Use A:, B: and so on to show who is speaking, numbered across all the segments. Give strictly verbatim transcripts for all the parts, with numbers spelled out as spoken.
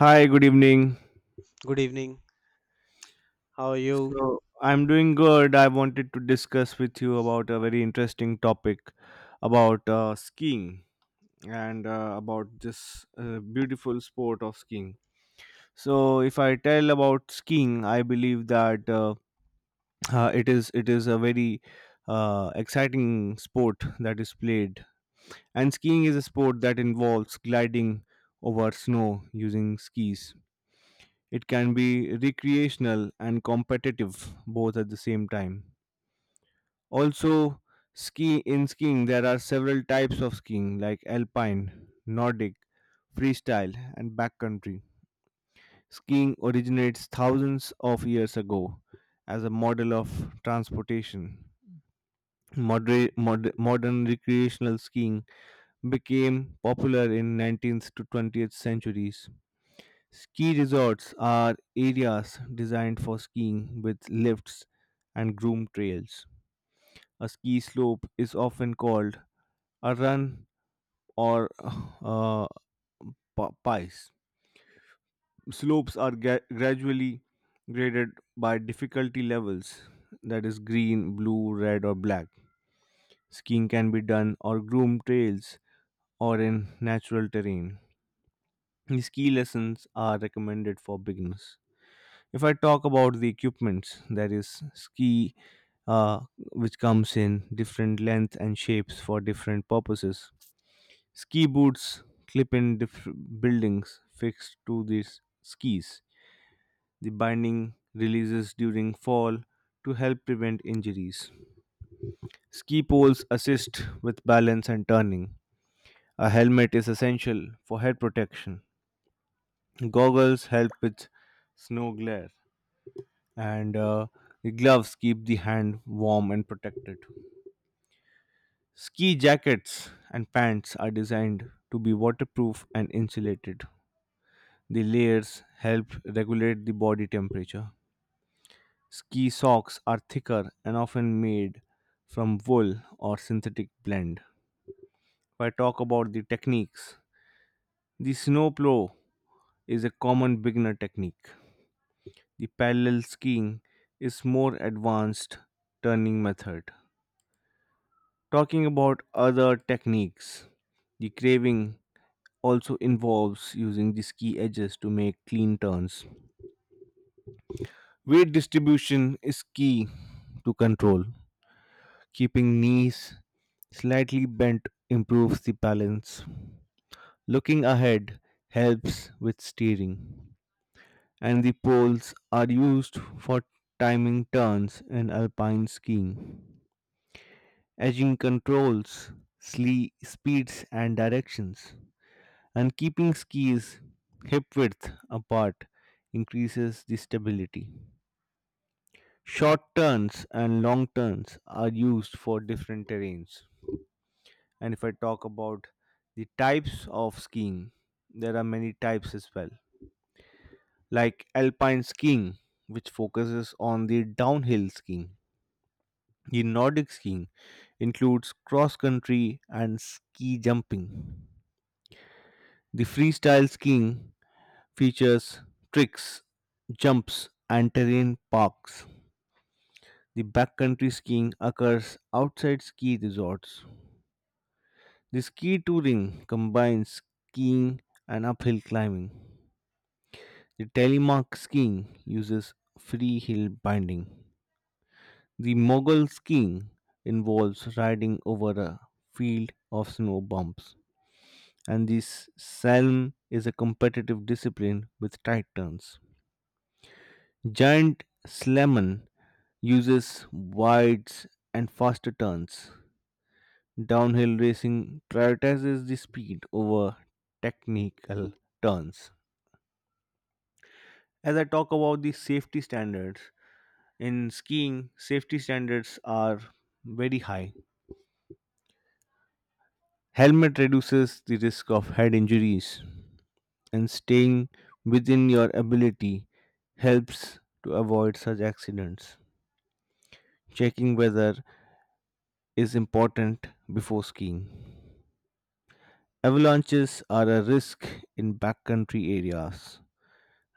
A: Hi, good evening.
B: Good evening. How are you?
A: So, I'm doing good. I wanted to discuss with you about a very interesting topic about uh, skiing and uh, about this uh, beautiful sport of skiing. So, if I tell about skiing, I believe that uh, uh, it is it is a very uh, exciting sport that is played. And skiing is a sport that involves gliding over snow using skis. It can be recreational and competitive both at the same time. Also, ski in skiing there are several types of skiing like alpine, Nordic, freestyle and backcountry. Skiing originates thousands of years ago as a model of transportation. Modern, modern recreational skiing became popular in nineteenth to twentieth centuries. Ski resorts are areas designed for skiing with lifts and groomed trails. A ski slope is often called a run or uh, pa- pice. Slopes are gra- gradually graded by difficulty levels, that is green, blue, red or black. Skiing can be done on groomed trails or in natural terrain. Ski lessons are recommended for beginners. If I talk about the equipments, there is ski, uh, which comes in different length and shapes for different purposes. Ski boots clip in diff- buildings fixed to these skis. The binding releases during fall to help prevent injuries. Ski poles assist with balance and turning. A helmet is essential for head protection. Goggles help with snow glare, and uh, the gloves keep the hand warm and protected. Ski jackets and pants are designed to be waterproof and insulated. The layers help regulate the body temperature. Ski socks are thicker and often made from wool or synthetic blend. If I talk about the techniques, the snow plow is a common beginner technique. The parallel skiing is more advanced turning method. Talking about other techniques, the craving also involves using the ski edges to make clean turns. Weight distribution is key to control. Keeping knees slightly bent improves the balance. Looking ahead helps with steering. And the poles are used for timing turns in alpine skiing. Edging controls sle- speeds and directions. And keeping skis hip width apart increases the stability. Short turns and long turns are used for different terrains. And if I talk about the types of skiing, there are many types as well, like alpine skiing, which focuses on the downhill skiing. The Nordic skiing includes cross country and ski jumping. The freestyle skiing features tricks, jumps, and terrain parks. The backcountry skiing occurs outside ski resorts. The ski touring combines skiing and uphill climbing. The telemark skiing uses free hill binding. The mogul skiing involves riding over a field of snow bumps. And this slalom is a competitive discipline with tight turns. Giant slalom uses wides and faster turns. Downhill racing prioritizes the speed over technical turns. As I talk about the safety standards, in skiing, safety standards are very high. Helmet reduces the risk of head injuries, and staying within your ability helps to avoid such accidents. Checking weather is important before skiing. Avalanches are a risk in backcountry areas,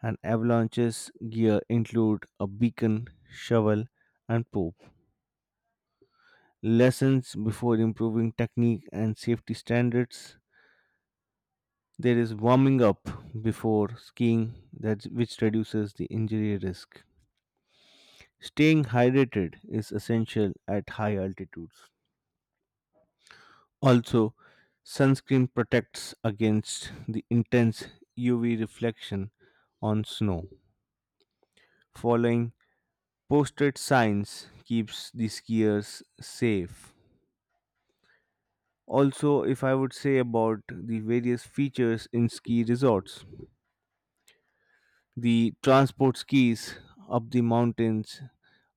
A: and avalanches gear include a beacon, shovel, and rope. Lessons before improving technique and safety standards. There is warming up before skiing, that which reduces the injury risk. Staying hydrated is essential at high altitudes. Also, sunscreen protects against the intense U V reflection on snow. Following posted signs keeps the skiers safe. Also, if I would say about the various features in ski resorts, the transport skis up the mountains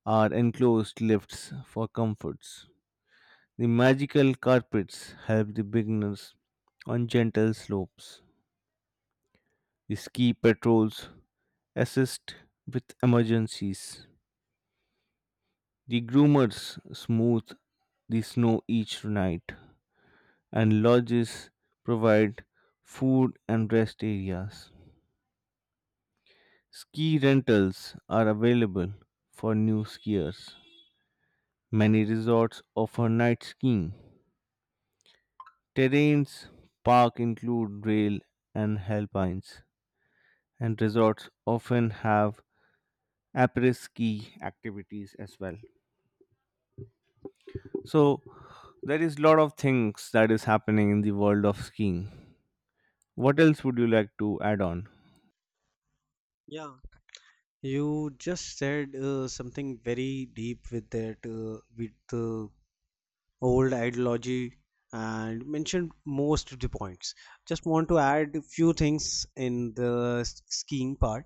A: are enclosed lifts for comforts. The magical carpets help the beginners on gentle slopes. The ski patrols assist with emergencies. The groomers smooth the snow each night. And lodges provide food and rest areas. Ski rentals are available for new skiers. Many resorts offer night skiing. Terrains park include rail and alpines, and resorts often have après ski activities as well. So there is lot of things that is happening in the world of skiing. What else would you like to add on?
B: Yeah, you just said uh, something very deep with that, uh, with the old ideology, and mentioned most of the points. Just want to add a few things in the s- skiing part.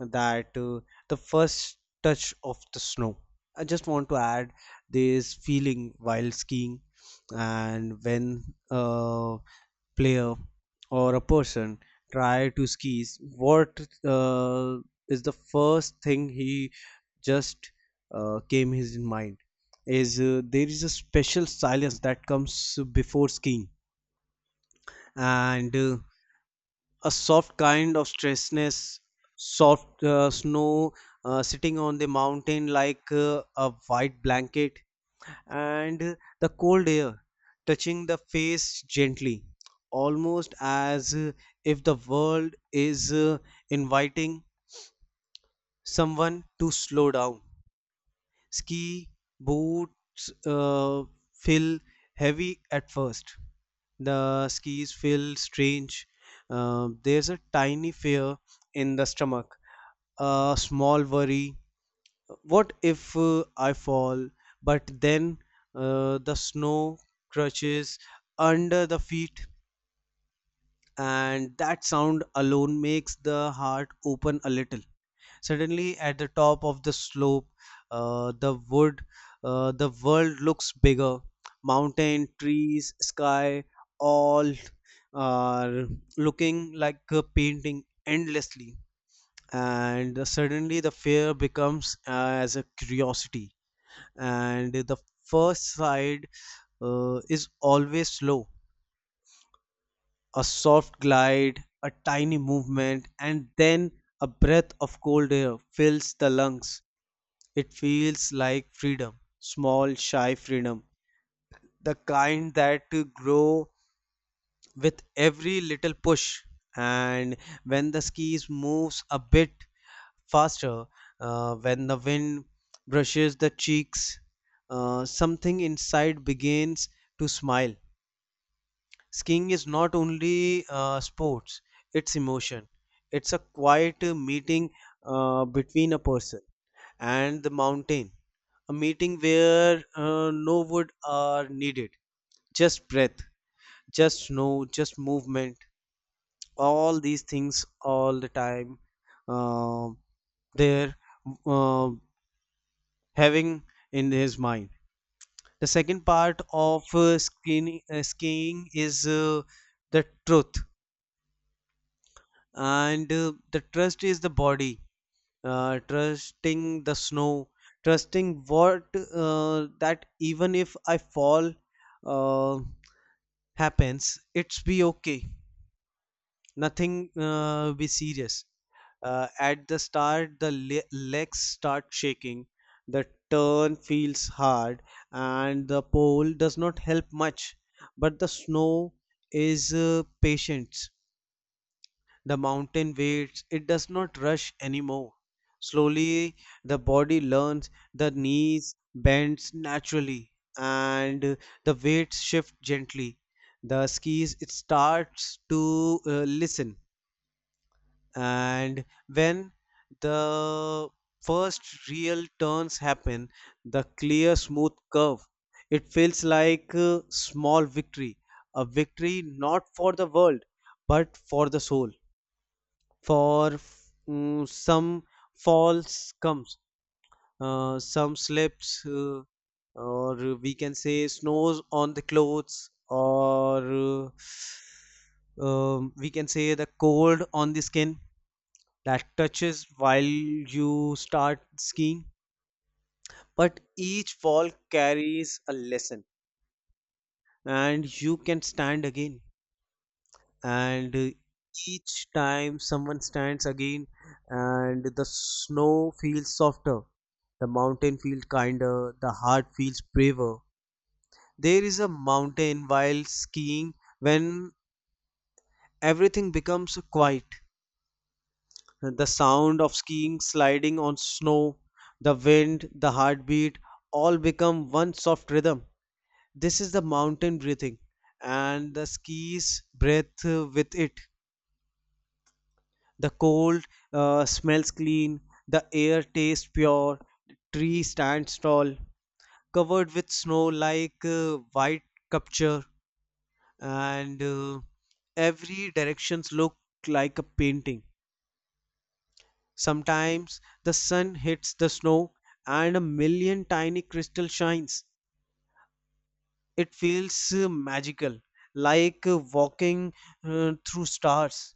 B: That uh, The first touch of the snow. I just want to add this feeling while skiing, and when uh, player or a person try to skis, what uh, is the first thing he just uh, came his in mind is uh, there is a special silence that comes before skiing and uh, a soft kind of stressness, soft uh, snow uh, sitting on the mountain like uh, a white blanket, and the cold air touching the face gently, almost as if the world is uh, inviting someone to slow down. Ski boots uh, feel heavy at first. The skis feel strange. Uh, there's a tiny fear in the stomach, a small worry, what if uh, I fall, but then uh, the snow crunches under the feet, and that sound alone makes the heart open a little. Suddenly, at the top of the slope, uh, the wood, uh, the world looks bigger. Mountain, trees, sky, all are looking like a painting endlessly. And suddenly, the fear becomes uh, as a curiosity, and the first side uh, is always slow, a soft glide, a tiny movement, and then a breath of cold air fills the lungs. It feels like freedom, small, shy freedom, the kind that grow with every little push, and when the skis moves a bit faster, uh, when the wind brushes the cheeks, uh, something inside begins to smile. Skiing is not only uh, sports, it's emotion, it's a quiet uh, meeting uh, between a person and the mountain, a meeting where uh, no wood are needed, just breath, just snow, just movement. All these things all the time uh, there uh, having in his mind. The second part of uh, skin, uh, skiing is uh, the truth, and uh, the trust is the body uh, trusting the snow, trusting what uh, that even if I fall uh, happens it's be okay, nothing uh, be serious. Uh, at the start, the le- legs start shaking, the turn feels hard, and the pole does not help much, but the snow is uh, patient. The mountain waits, it does not rush anymore. Slowly the body learns, the knees bends naturally, and uh, the weights shift gently, the skis it starts to uh, listen. And when the first real turns happen, the clear smooth curve, it feels like a small victory, a victory not for the world but for the soul. For mm, some falls comes, uh, some slips, uh, or we can say snows on the clothes, or uh, um, we can say the cold on the skin that touches while you start skiing, but each fall carries a lesson, and you can stand again. And uh, each time someone stands again, and the snow feels softer, the mountain feels kinder, the heart feels braver. There is a mountain while skiing when everything becomes quiet. The sound of skiing, sliding on snow, the wind, the heartbeat, all become one soft rhythm. This is the mountain breathing, and the skis breath uh, with it. The cold uh, smells clean, the air tastes pure, the tree stands tall, covered with snow like uh, white sculpture, and uh, every directions look like a painting. Sometimes the sun hits the snow and a million tiny crystal shines. It feels uh, magical, like uh, walking uh, through stars.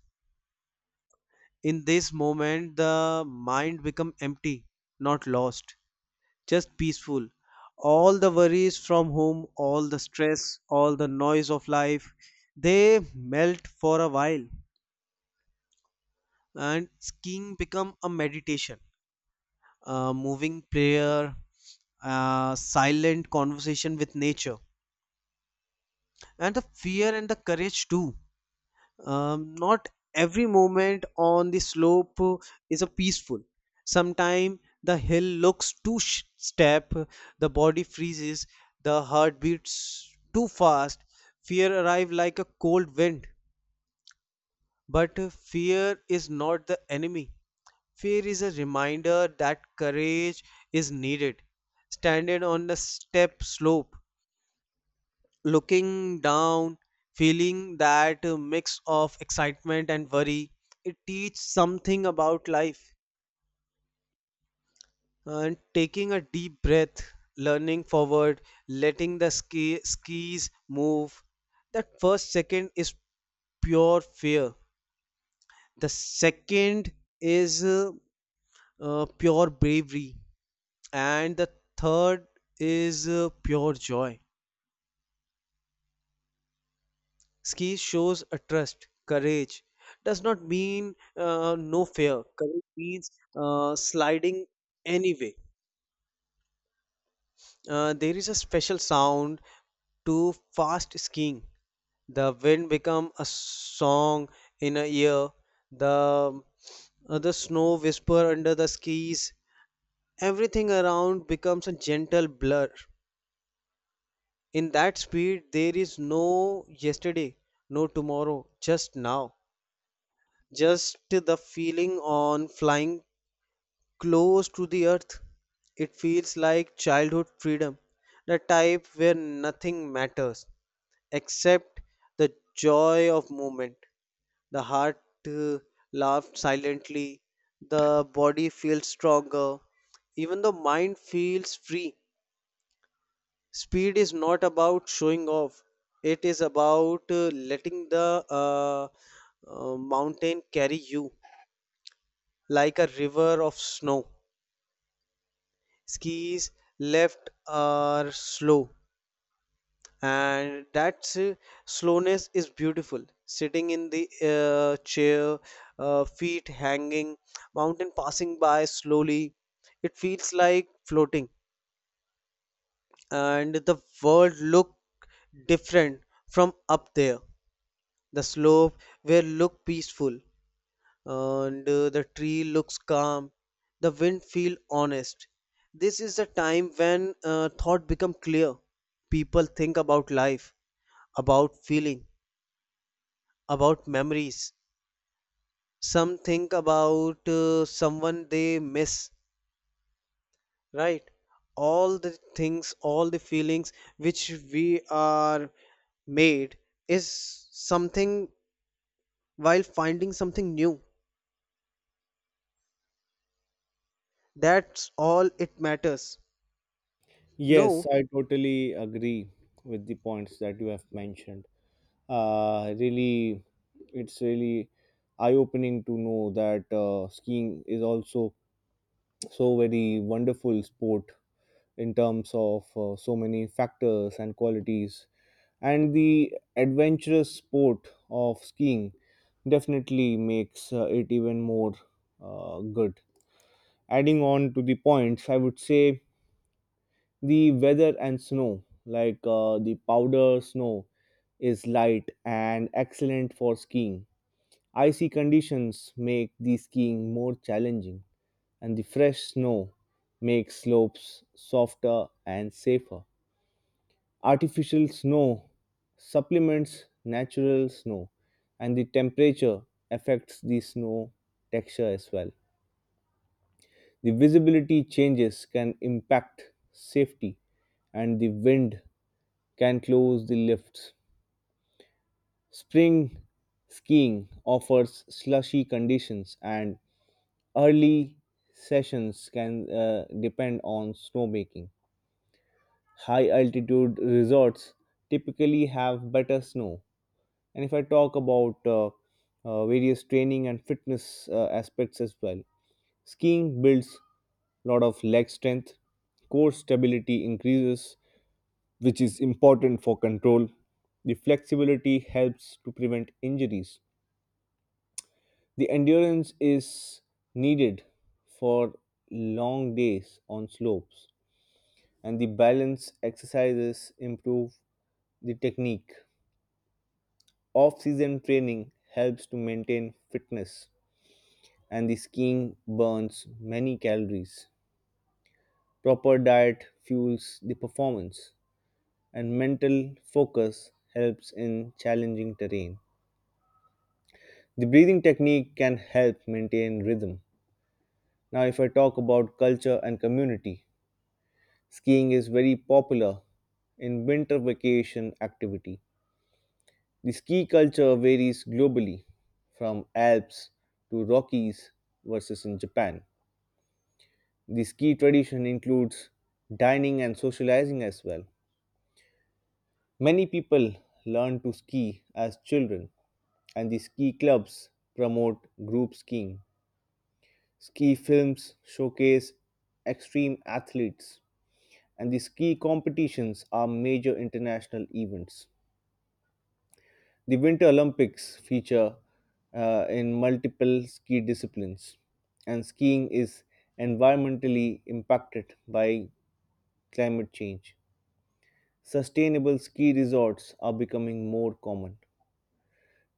B: In this moment, the mind become empty, not lost, just peaceful. All the worries from home, all the stress, all the noise of life, they melt for a while, and skiing become a meditation, uh, moving prayer, uh, silent conversation with nature, and the fear and the courage too. Um, not every moment on the slope uh, is a peaceful. Sometimes the hill looks too sh- step, the body freezes, the heart beats too fast. Fear arrives like a cold wind, but uh, fear is not the enemy. Fear is a reminder that courage is needed. Standing on the step slope, looking down, feeling that uh, mix of excitement and worry, it teaches something about life. And taking a deep breath, learning forward, letting the ski- skis move. That first second is pure fear. The second is uh, uh, pure bravery, and the third is uh, pure joy. Ski shows a trust. Courage does not mean uh, no fear. Courage means uh, sliding anyway. Uh, there is a special sound to fast skiing. The wind become a song in a ear. The uh, the snow whisper under the skis, everything around becomes a gentle blur. In that speed, there is no yesterday, no tomorrow, just now. Just the feeling on flying close to the earth. It feels like childhood freedom, the type where nothing matters except the joy of movement. The heart uh, laughed silently, the body feels stronger, even the mind feels free. Speed is not about showing off, it is about uh, letting the uh, uh, mountain carry you like a river of snow. Skis left are slow, and that uh, slowness is beautiful. Sitting in the uh, chair, uh, feet hanging, mountain passing by slowly, it feels like floating, and the world look different from up there. The slope where look peaceful, and uh, the tree looks calm. The wind feel honest. This is the time when uh, thought become clear. People think about life, about feeling, about memories. Some think about uh, someone they miss, right? All the things, all the feelings which we are made is something while finding something new. That's all it matters.
A: Yes,
B: No,
A: I totally agree with the points that you have mentioned. Uh, really, it's really eye-opening to know that uh, skiing is also so very wonderful sport in terms of uh, so many factors and qualities. And the adventurous sport of skiing definitely makes uh, it even more uh, good. Adding on to the points, I would say the weather and snow, like uh, the powder snow is light and excellent for skiing. Icy conditions make the skiing more challenging, and the fresh snow makes slopes softer and safer. Artificial snow supplements natural snow, and the temperature affects the snow texture as well. The visibility changes can impact safety, and the wind can close the lifts. Spring skiing offers slushy conditions, and early sessions can uh, depend on snowmaking. High altitude resorts typically have better snow. And if I talk about uh, uh, various training and fitness uh, aspects as well, skiing builds lot of leg strength. Core stability increases, which is important for control. The flexibility helps to prevent injuries. The endurance is needed for long days on slopes, and the balance exercises improve the technique. Off season training helps to maintain fitness, and the skiing burns many calories. Proper diet fuels the performance. And mental focus helps in challenging terrain. The breathing technique can help maintain rhythm. Now, if I talk about culture and community, skiing is very popular in winter vacation activity. The ski culture varies globally, from Alps to Rockies versus in Japan. The ski tradition includes dining and socializing as well. Many people learn to ski as children, and the ski clubs promote group skiing. Ski films showcase extreme athletes, and the ski competitions are major international events. The Winter Olympics feature uh, in multiple ski disciplines, and skiing is environmentally impacted by climate change. Sustainable ski resorts are becoming more common,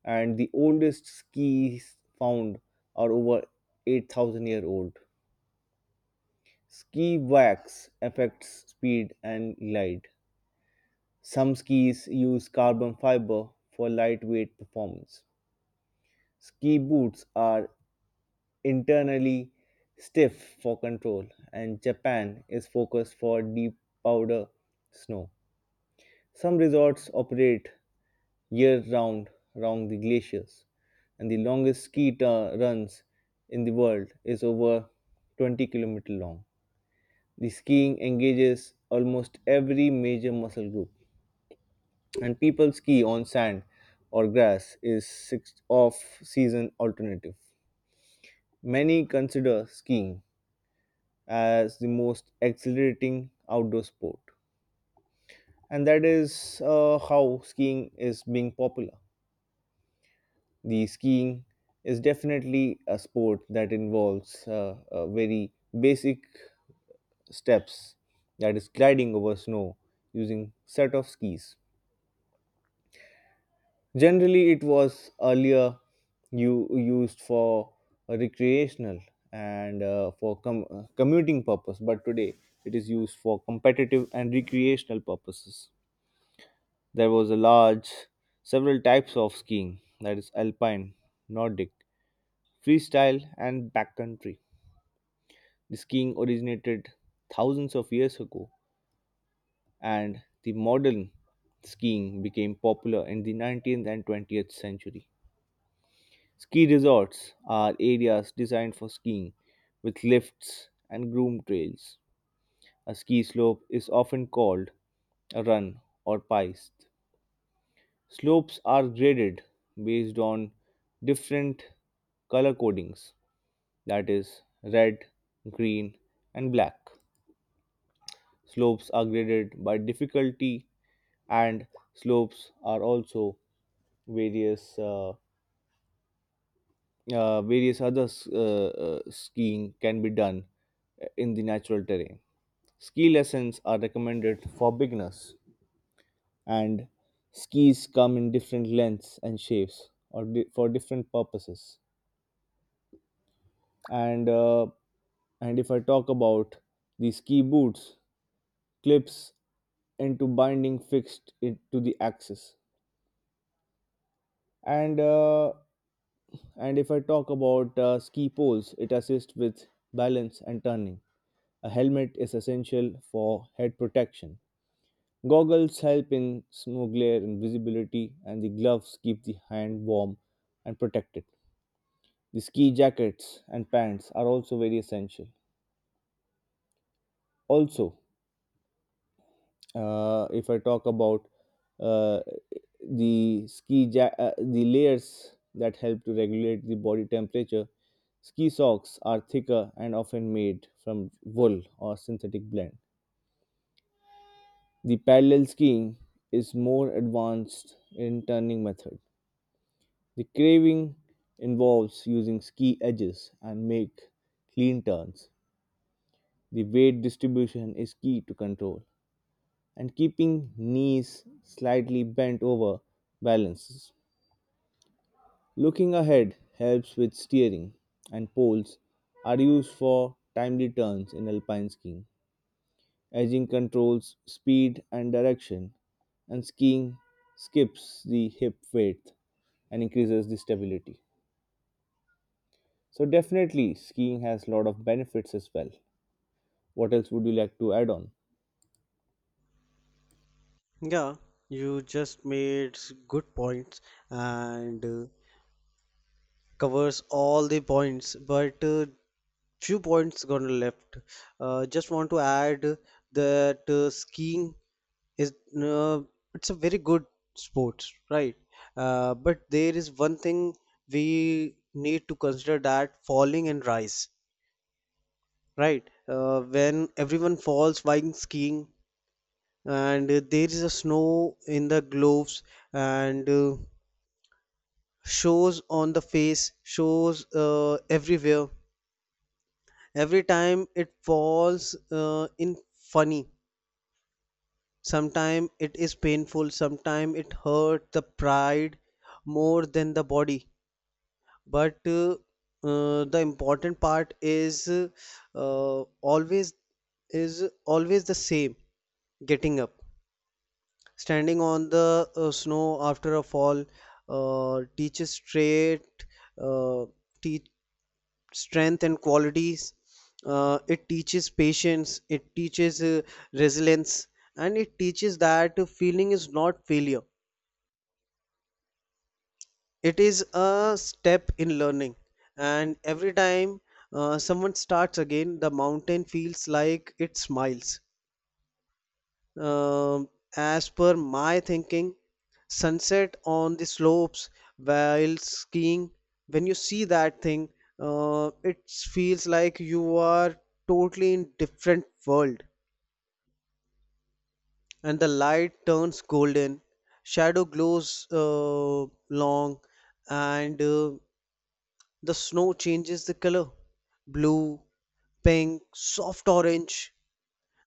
A: and the oldest skis found are over eight thousand year old. Ski wax affects speed and glide. Some skis use carbon fiber for lightweight performance. Ski boots are internally stiff for control, and Japan is focused for deep powder snow. Some resorts operate year round around the glaciers, and the longest ski tu- runs in the world is over twenty kilometer long. The skiing engages almost every major muscle group, and people ski on sand or grass is six off-season alternative. Many consider skiing as the most exhilarating outdoor sport, and that is uh, how skiing is being popular. The skiing is definitely a sport that involves uh, uh, very basic steps, that is gliding over snow using set of skis. Generally, it was earlier you used for recreational and uh, for com- uh, commuting purpose, but today it is used for competitive and recreational purposes. There was a large, several types of skiing, that is alpine, Nordic, freestyle, and backcountry. The skiing originated thousands of years ago, and the modern skiing became popular in the nineteenth and twentieth century. Ski resorts are areas designed for skiing with lifts and groomed trails. A ski slope is often called a run or piste. Slopes are graded based on different color codings, that is, red, green, and black. Slopes are graded by difficulty, and slopes are also various. Uh, uh, various other s- uh, uh, skiing can be done uh, in the natural terrain. Ski lessons are recommended for beginners, and skis come in different lengths and shapes or di- for different purposes. And uh, and if I talk about the ski boots, clips into binding fixed it to the axis, and uh, and if I talk about uh, ski poles, it assists with balance and turning. A helmet is essential for head protection. Goggles help in snow glare and visibility, and the gloves keep the hand warm and protected. The ski jackets and pants are also very essential. Also, uh, if I talk about uh, the ski ja- uh, the layers that help to regulate the body temperature, ski socks are thicker and often made from wool or synthetic blend. The parallel skiing is more advanced in turning method. The craving involves using ski edges and make clean turns. The weight distribution is key to control, and keeping knees slightly bent over balances. Looking ahead helps with steering, and poles are used for timely turns in alpine skiing. Edging controls speed and direction, and skiing skips the hip width and increases the stability. So definitely skiing has a lot of benefits as well. What else would you like to add on?
B: yeah, you just made s- good points, and uh, covers all the points, but uh, few points gonna left. Uh, just want to add that uh, skiing is uh, it's a very good sport, right? Uh, but there is one thing we need to consider, that falling and rise, right? Uh, when everyone falls while skiing, and uh, there is a snow in the gloves, and uh, shows on the face, shows uh, everywhere. Every time it falls uh, in funny, sometime it is painful, sometime it hurt the pride more than the body, but uh, uh, the important part is uh, always is always the same: getting up. Standing on the uh, snow after a fall uh, teaches straight, uh, te- strength and qualities. Uh, it teaches patience, it teaches uh, resilience, and it teaches that feeling is not failure. It is a step in learning. And every time uh, someone starts again, the mountain feels like it smiles. Um, as per my thinking, sunset on the slopes while skiing, when you see that thing, uh, it feels like you are totally in different world. And the light turns golden, shadow glows uh, long, and uh, the snow changes the color, blue, pink, soft orange.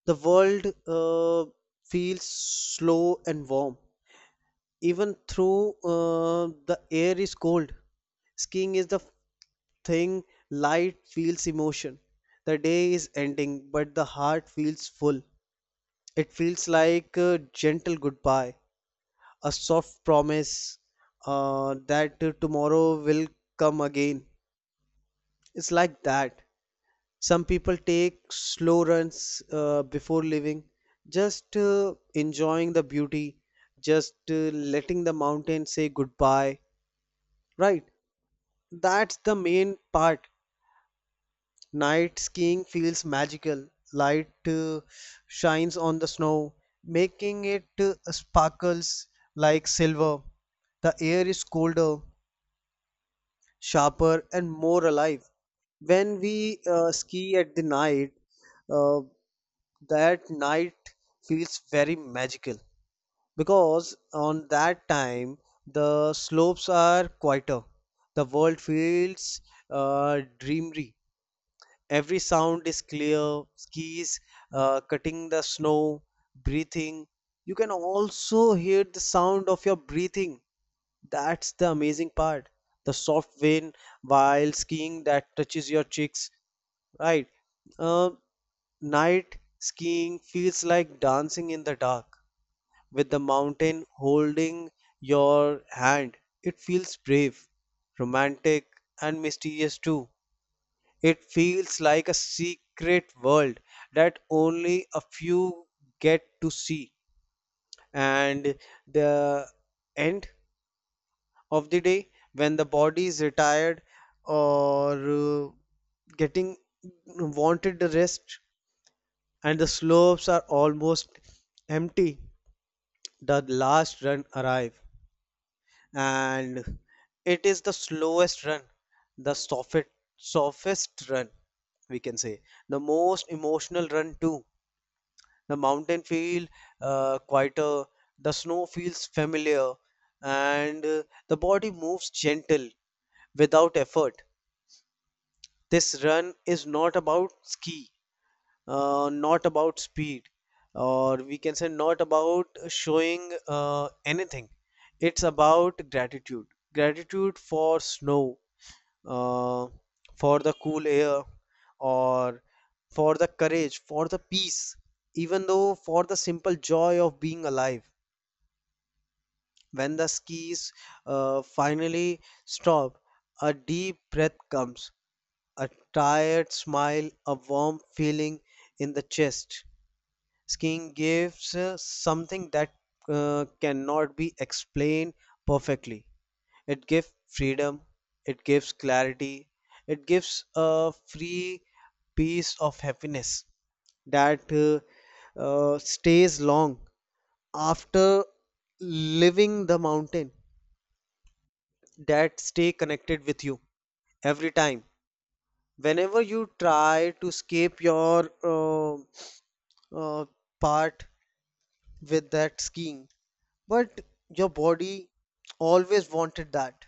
B: The world uh, feels slow and warm, even through uh, the air is cold. Skiing is the thing light feels emotion. The day is ending, but the heart feels full. It feels like a gentle goodbye, a soft promise uh, that tomorrow will come again. It's like that. Some people take slow runs uh, before leaving, just uh, enjoying the beauty, just uh, letting the mountain say goodbye, right? That's the main part. Night skiing feels magical. Light uh, shines on the snow, making it uh, sparkles like silver. The air is colder, sharper, and more alive. When we uh, ski at the night, uh, that night feels very magical, because on that time the slopes are quieter. The world feels uh, dreamy. Every sound is clear, skis uh, cutting the snow, breathing. You can also hear the sound of your breathing. That's the amazing part. The soft wind while skiing that touches your cheeks, right? Uh, Night skiing feels like dancing in the dark with the mountain holding your hand. It feels brave, romantic, and mysterious too. It feels like a secret world that only a few get to see. And the end of the day, when the body is retired or uh, getting wanted the rest, and the slopes are almost empty, the last run arrive, and it is the slowest run, the softest, softest run, we can say the most emotional run too. The mountain feel uh, quieter, the snow feels familiar, and uh, the body moves gentle without effort. This run is not about ski, uh, not about speed, or we can say not about showing uh, anything. It's about gratitude. Gratitude for snow, uh, for the cool air, or for the courage, for the peace, even though for the simple joy of being alive. When the skis uh, finally stop, a deep breath comes, a tired smile, a warm feeling in the chest. Skiing gives uh, something that uh, cannot be explained perfectly. It gives freedom, it gives clarity, it gives a free piece of happiness that uh, uh, stays long after leaving the mountain, that stay connected with you every time, whenever you try to escape your uh, uh, part with that skiing. But your body always wanted that,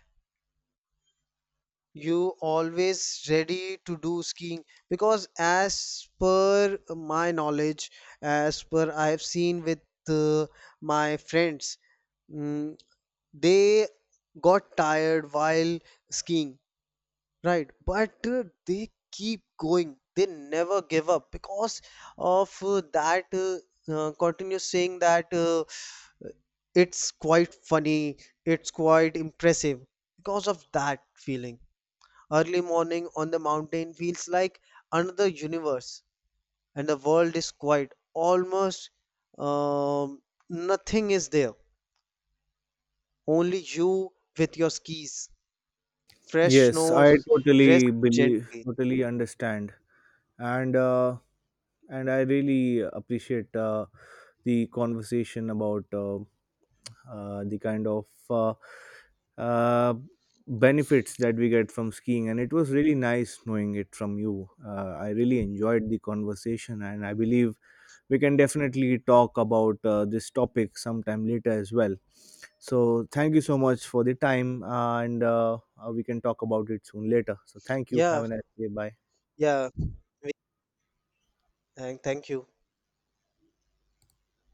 B: you always ready to do skiing, because as per my knowledge, as per I have seen with uh, my friends, mm, they got tired while skiing, right? But uh, they keep going, they never give up, because of uh, that uh, uh, continuous saying that uh, it's quite funny, it's quite impressive, because of that feeling. Early morning on the mountain feels like another universe, and the world is quiet. Almost um, nothing is there, only you with your skis. Fresh
A: Yes, I
B: snows rest
A: totally believe,
B: gently.
A: totally understand. and uh, and I really appreciate uh, the conversation about uh, uh, the kind of uh, uh, benefits that we get from skiing, and it was really nice knowing it from you. Uh, I really enjoyed the conversation, and I believe we can definitely talk about uh, this topic sometime later as well. So thank you so much for the time, uh, and uh, uh, we can talk about it soon later. So thank you.
B: Yeah,
A: Have a nice day. Bye.
B: yeah. And thank you.